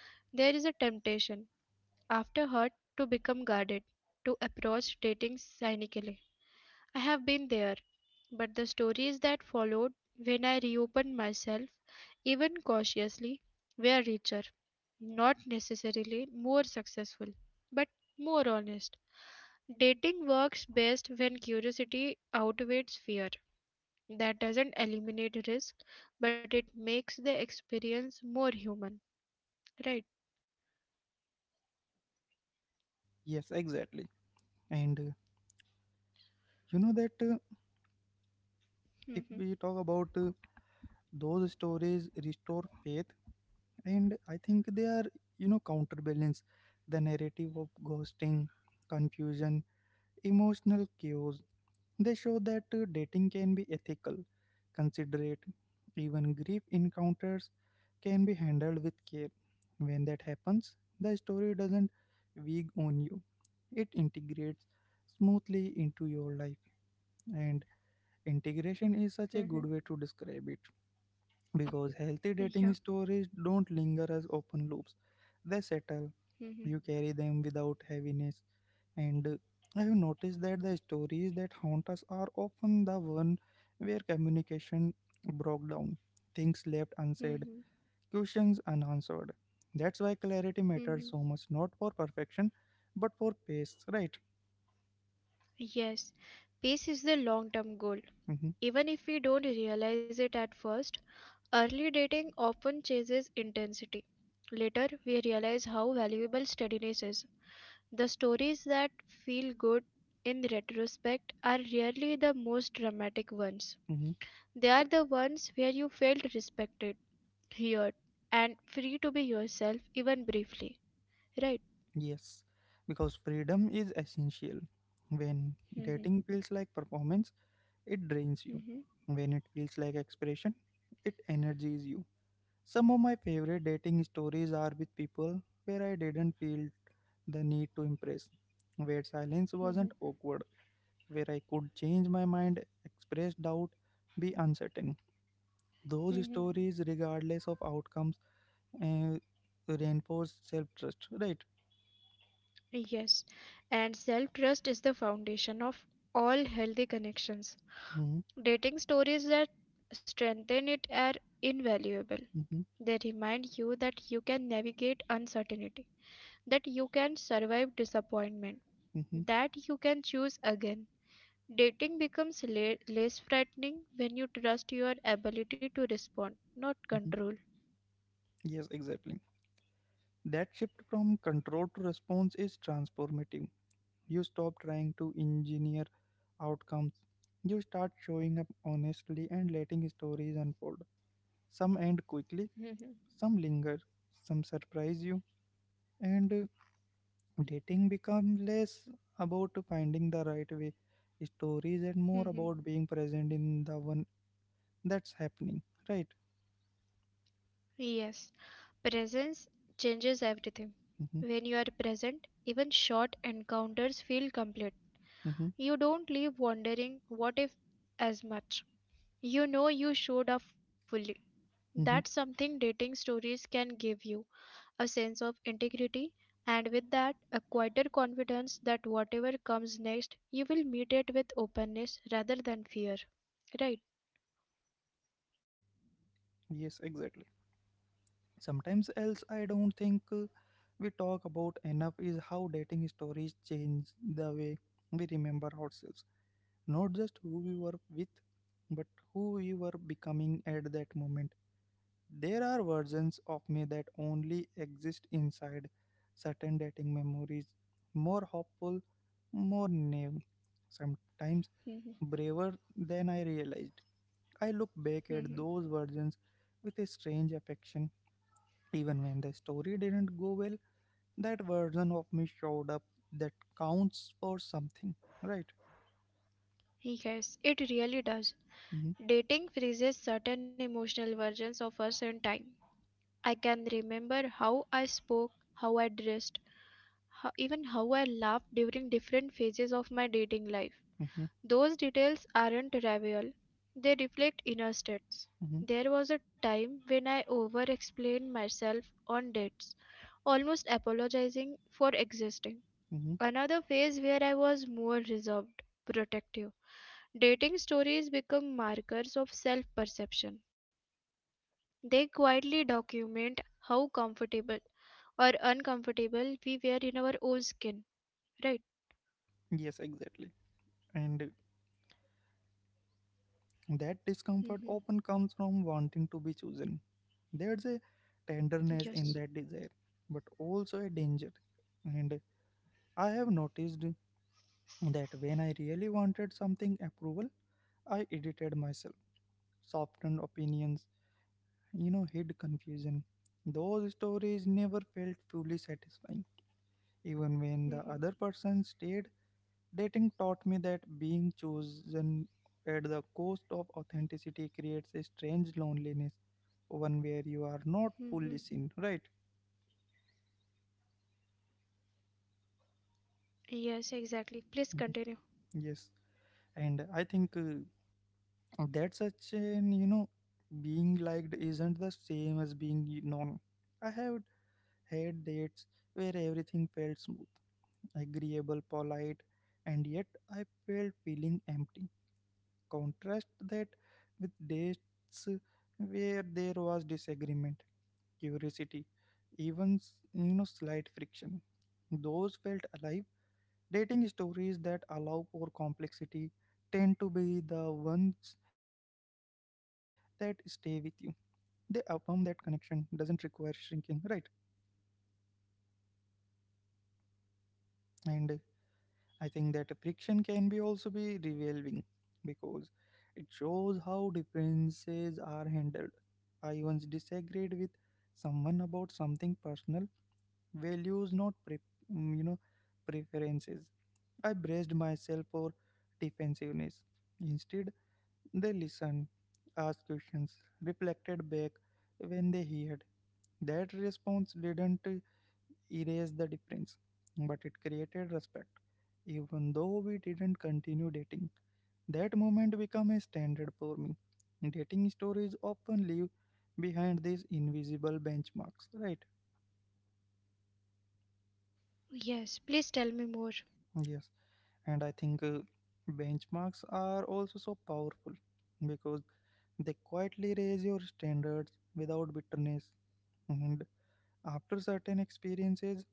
B: There is a temptation after hurt to become guarded, to approach dating cynically. I have been there, but the stories that followed, when I reopened myself, even cautiously, were richer, not necessarily more successful, but more honest. Dating works best when curiosity outweighs fear. That doesn't eliminate risk, but it makes the experience more human, right?
A: Yes, exactly. And you know that if
B: Mhm,
A: we talk about those stories restore faith, and I think they are, counterbalance the narrative of ghosting, confusion, emotional chaos. They show that dating can be ethical, considerate, even grief encounters can be handled with care. When that happens, the story doesn't wig on you, it integrates smoothly into your life. And integration is such a good
B: mhm.
A: way to describe it because
B: Yeah.
A: healthy dating stories don't linger as open loops. They settle,
B: mhm,
A: you carry them without heaviness. And I have noticed that the stories that haunt us are often the one where communication broke down, things left
B: mhm,
A: unsaid, questions unanswered. That's why clarity matters
B: mhm.
A: so much, not for perfection, but for pace, right?
B: Yes, peace is the long term goal.
A: Mm-hmm.
B: Even if we don't realize it at first, early dating often chases intensity. Later, we realize how valuable steadiness is. The stories that feel good in retrospect are rarely the most dramatic ones.
A: Mm-hmm.
B: They are the ones where you felt respected, heard, and free to be yourself, even briefly. Right?
A: Yes, because freedom is essential. When
B: hmm
A: dating feels like performance, it drains you.
B: hmm
A: When it feels like expression, it energizes you. Some of my favorite dating stories are with people where I didn't feel the need to impress, where silence
B: hmm
A: wasn't awkward, where I could change my mind, express doubt, be uncertain. Those
B: hmm
A: stories, regardless of outcomes, uh, reinforce self trust, right?
B: Yes. And self trust is the foundation of all healthy connections.
A: Mm-hmm,
B: Dating stories that strengthen it are invaluable.
A: mm-hmm,
B: They remind you that you can navigate uncertainty, that you can survive disappointment,
A: mm-hmm,
B: that you can choose again. Dating becomes less frightening when you trust your ability to respond, not
A: mm-hmm.
B: control.
A: Yes, exactly. That shift from control to response is transformative. You stop trying to engineer outcomes. You start showing up honestly and letting stories unfold. Some end quickly,
B: Mhm,
A: some linger, some surprise you, and dating becomes less about finding the right way stories and more
B: mhm.
A: about being present in the one that's happening, right?
B: Yes, presence changes everything.
A: Mm-hmm,
B: When you are present, even short encounters feel complete.
A: mm-hmm,
B: You don't leave wondering what if as much. You know you showed up fully. That's
A: mm-hmm.
B: something dating stories can give you, a sense of integrity, and with that, a quieter confidence that whatever comes next, you will meet it with openness rather than fear. Right?
A: Yes, exactly. Sometimes else I don't think we talk about enough is how dating stories change the way we remember ourselves, not just who we were with but who we were becoming at that moment. There are versions of me that only exist inside certain dating memories, more hopeful, more naive, sometimes
B: Mhm,
A: braver than I realized. I look back at
B: mhm.
A: those versions with a strange affection. Even when the story didn't go well, that version of me showed up. That counts for something, right?
B: Yes, it really does.
A: Hmm.
B: Dating freezes certain emotional versions of us in time. I can remember how I spoke, how I dressed, even how I laughed during different phases of my dating life.
A: Hmm.
B: Those details aren't trivial, they reflect inner states.
A: Hmm.
B: There was a time when I over explained myself on dates, almost apologizing for existing.
A: Hmm.
B: Another phase where I was more reserved, protective. Dating stories become markers of self perception. They quietly document how comfortable or uncomfortable we were in our own skin, right?
A: Yes, exactly. And that discomfort
B: hmm
A: often comes from wanting to be chosen. There's a tenderness
B: Yes.
A: in that desire, but also a danger. And I have noticed that when I really wanted something approval, I edited myself, softened opinions, hid confusion. Those stories never felt fully satisfying. Even when the
B: hmm
A: other person stayed, dating taught me that being chosen at the cost of authenticity creates a strange loneliness, one where you are not
B: hmm
A: fully seen, right?
B: Yes, exactly. Please
A: Mhm.
B: continue.
A: Yes, and I think that such an, being liked isn't the same as being known. I have had dates where everything felt smooth, agreeable, polite, and yet I felt feeling empty. Contrast that with days where there was disagreement, curiosity, even slight friction. Those felt alive. Dating stories that allow for complexity tend to be the ones that stay with you. They affirm that connection doesn't require shrinking, right? And I think that friction can be also be revealing because it shows how differences are handled. I once disagreed with someone about something personal, values, not mm, you know preferences. I braced myself for defensiveness. Instead, they listened, asked questions, reflected back when they heard. That response didn't erase the difference, but it created respect. Even though we didn't continue dating, that moment became a standard for me. Dating stories often leave behind these invisible benchmarks, right?
B: Yes, please tell me more.
A: Yes, and I think benchmarks are also so powerful because they quietly raise your standards without bitterness. And after certain experiences,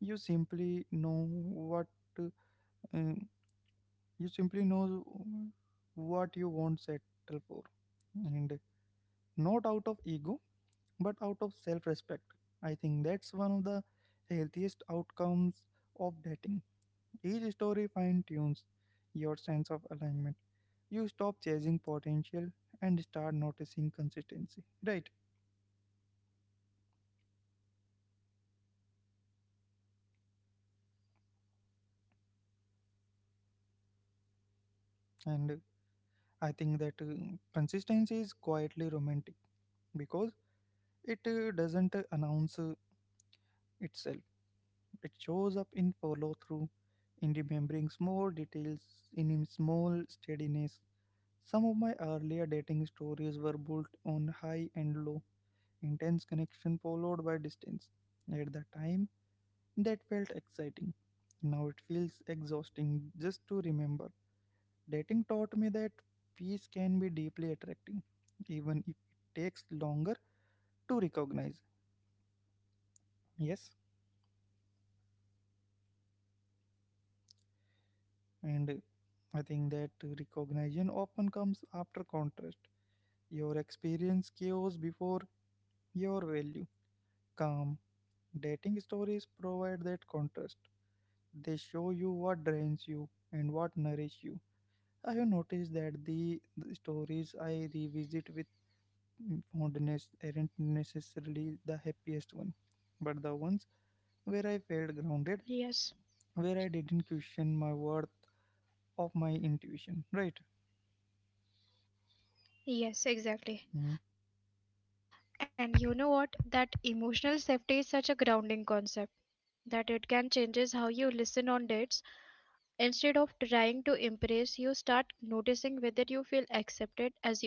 A: you simply know what uh, um, you simply know what you won't settle for. And not out of ego, but out of self respect. I think that's one of the healthiest outcomes of dating. Each story fine tunes your sense of alignment. You stop chasing potential and start noticing consistency. Right. And I think that consistency is quietly romantic because it doesn't announce itself. It shows up in follow through, in remembering small details, in a small steadiness. Some of my earlier dating stories were built on high and low, intense connection followed by distance. At the time, that felt exciting. Now it feels exhausting just to remember. Dating taught me that peace can be deeply attracting, even if it takes longer to recognize. Yes. And I think that recognition often comes after contrast. Your experience chaos before your value. Calm. Dating stories provide that contrast. They show you what drains you and what nourishes you. I have noticed that the stories I revisit with fondness aren't necessarily the happiest one, but the ones where I
B: Yes.
A: felt grounded, where I didn't question my worth of my intuition, right?
B: Yes, exactly.
A: Hmm.
B: And you know what? That emotional safety is such a grounding concept that it can changes how you listen on dates. Instead of trying to impress, you start noticing whether you feel accepted as you are.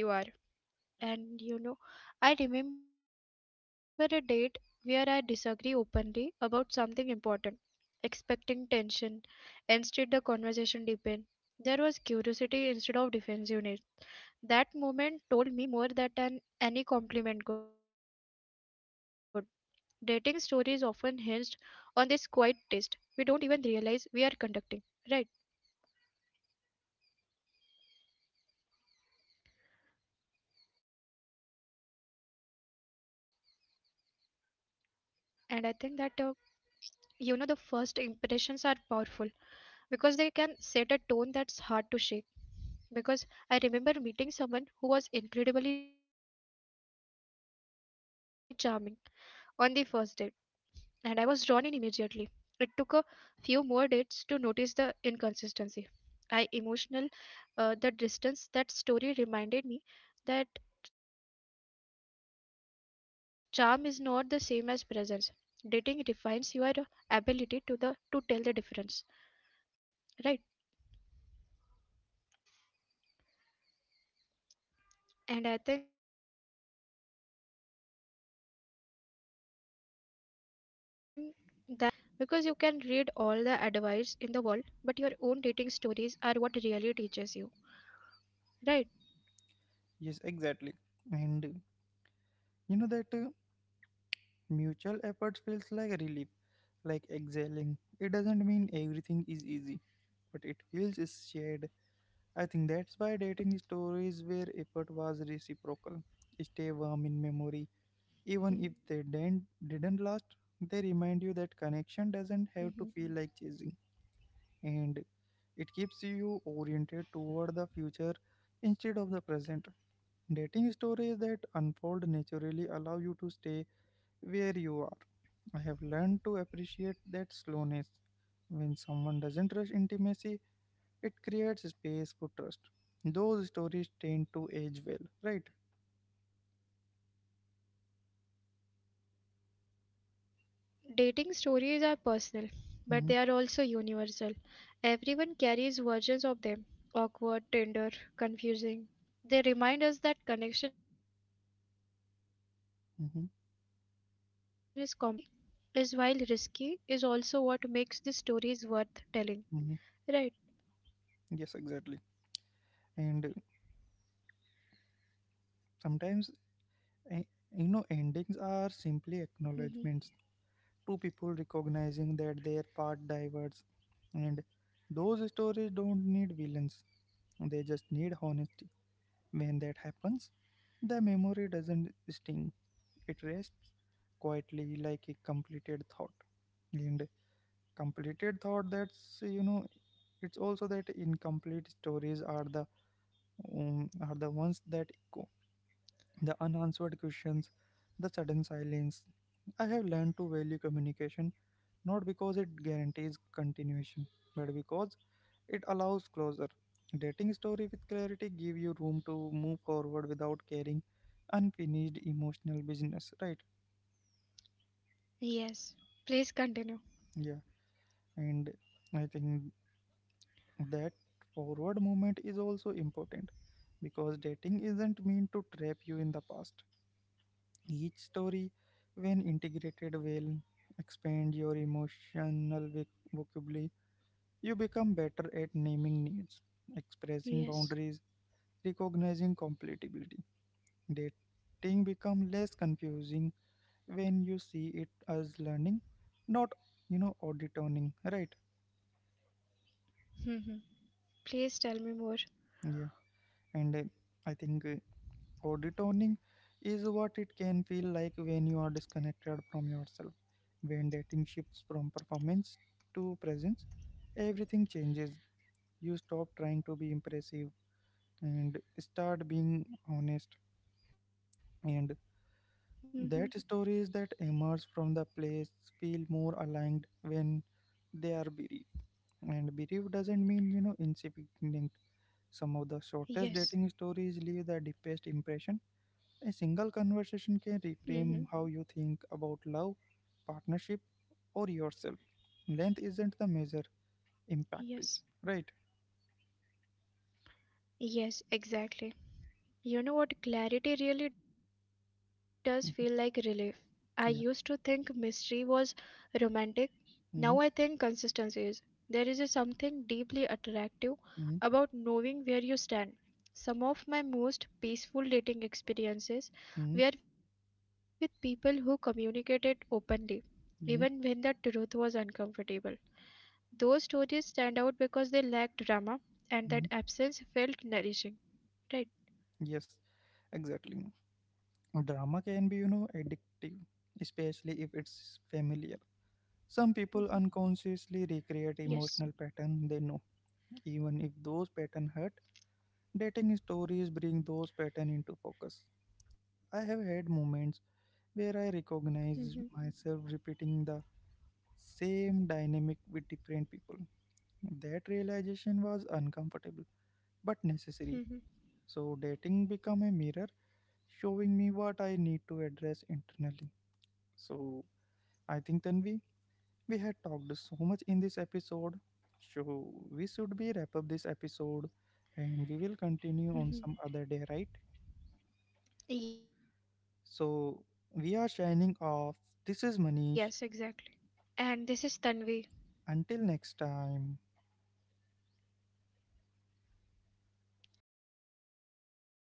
B: And you know, I remember a date where I disagree openly about something important, expecting tension. Instead, the conversation deepened. There was curiosity instead of defensiveness. That moment told me more than any compliment could. Dating stories often hinged on this quiet taste. We don't even realize we are conducting. Right. And I think that, you know, the first impressions are powerful because they can set a tone that's hard to shake. Because I remember meeting someone who was incredibly charming on the first date, and I was drawn in immediately. It took a few more dates to notice the inconsistency. I emotional The distance, that story reminded me that charm is not the same as presence. Dating refines your ability to tell the difference, right? And I think that discernment comes from experience, not theory. Because you can read all the advice in the world, but your own dating stories are what really teaches you, right?
A: Yes, exactly. And you know that
B: hmm
A: mutual effort feels like a relief, like exhaling. It doesn't mean everything is easy, but it feels is shared. I think that's why dating stories where effort was reciprocal stay warm in memory. Even if they
B: hmm
A: didn't, didn't last, they remind you that connection doesn't have to feel like chasing. And it keeps you oriented toward the future instead of the present. Dating stories that unfold naturally allow you to stay where you are. I have learned to appreciate that slowness. When someone doesn't rush intimacy, it creates space for trust. Those stories tend to age well, right?
B: Yes, exactly. And dating stories are personal, but they are
A: Hmm.
B: also universal. Everyone carries versions of them, awkward, tender, confusing. They remind us that connection is complex, that growth is
A: Hmm.
B: ongoing, and that vulnerability is, while risky, is also what makes these stories worth telling.
A: Hmm.
B: Right.
A: Yes, exactly. And sometimes,
B: hmm
A: eh, endings are simply acknowledgements. Two people recognizing that their part diverged, and those stories don't need villains. They just need honesty. When that happens, the memory doesn't sting, it rests quietly like a completed thought. And completed thought, that's it's also that incomplete stories are the ones that echo, the unanswered questions, the sudden silence. I have learned to value communication not because it guarantees continuation but because it allows closure. Dating story with clarity give you room to move forward without carrying unfinished emotional business, right?
B: Yes. Please continue.
A: Yeah, and I think that forward movement is also important because dating isn't meant to trap you in the past. Each story, when integrated well, expand your emotional vocabulary. You become better at naming needs, expressing
B: Yes.
A: boundaries, recognizing compatibility. Dating become less confusing when you see it as learning, not auditoning, right?
B: hmm Please tell me more.
A: Yeah, and I think auditoning is what it can feel like when you are disconnected from yourself. When dating shifts from performance to presence, everything changes. You stop trying to be impressive and start being honest. And
B: Hmm
A: that stories that emerge from the place feel more aligned when they are bereaved. And bereaved doesn't mean, insignificant. Some of the
B: Yes.
A: shortest dating stories leave the deepest impression. A single
B: hmm
A: conversation can reframe how you think about love, partnership, or yourself. Length isn't the measure,
B: Yes.
A: impact is. Right?
B: Yes, exactly. You know what? Clarity really does feel like relief. I used to
A: Mhm.
B: think mystery was
A: Yeah.
B: romantic. Now I think consistency is.
A: Mm-hmm.
B: There is a something deeply attractive about knowing where you
A: Mm-hmm.
B: stand. Some of my most peaceful dating experiences were with people
A: Mm-hmm.
B: who communicated openly, even when the truth was
A: Mm-hmm.
B: uncomfortable. Those stories stand out because they lacked drama, and that absence felt
A: Mm-hmm.
B: nourishing. Right?
A: Yes, exactly. Drama can be, addictive, especially if
B: Mhm.
A: it's familiar. Some people
B: Yes.
A: unconsciously recreate emotional patterns they know, even if those patterns hurt. Dating stories bring those patterns into focus. I have
B: Mhm.
A: had moments where I recognize myself repeating the same dynamic with different people. That realization was uncomfortable but necessary.
B: Mhm,
A: So dating become a mirror showing me what I need to address internally. So I think, Tanvi, we had talked so much in this episode, so we should be wrap up this episode and we will
B: mhm.
A: continue on some other day, right?
B: Yes, exactly.
A: So we are signing off. This is Manish.
B: And this is Tanvi.
A: Until next time.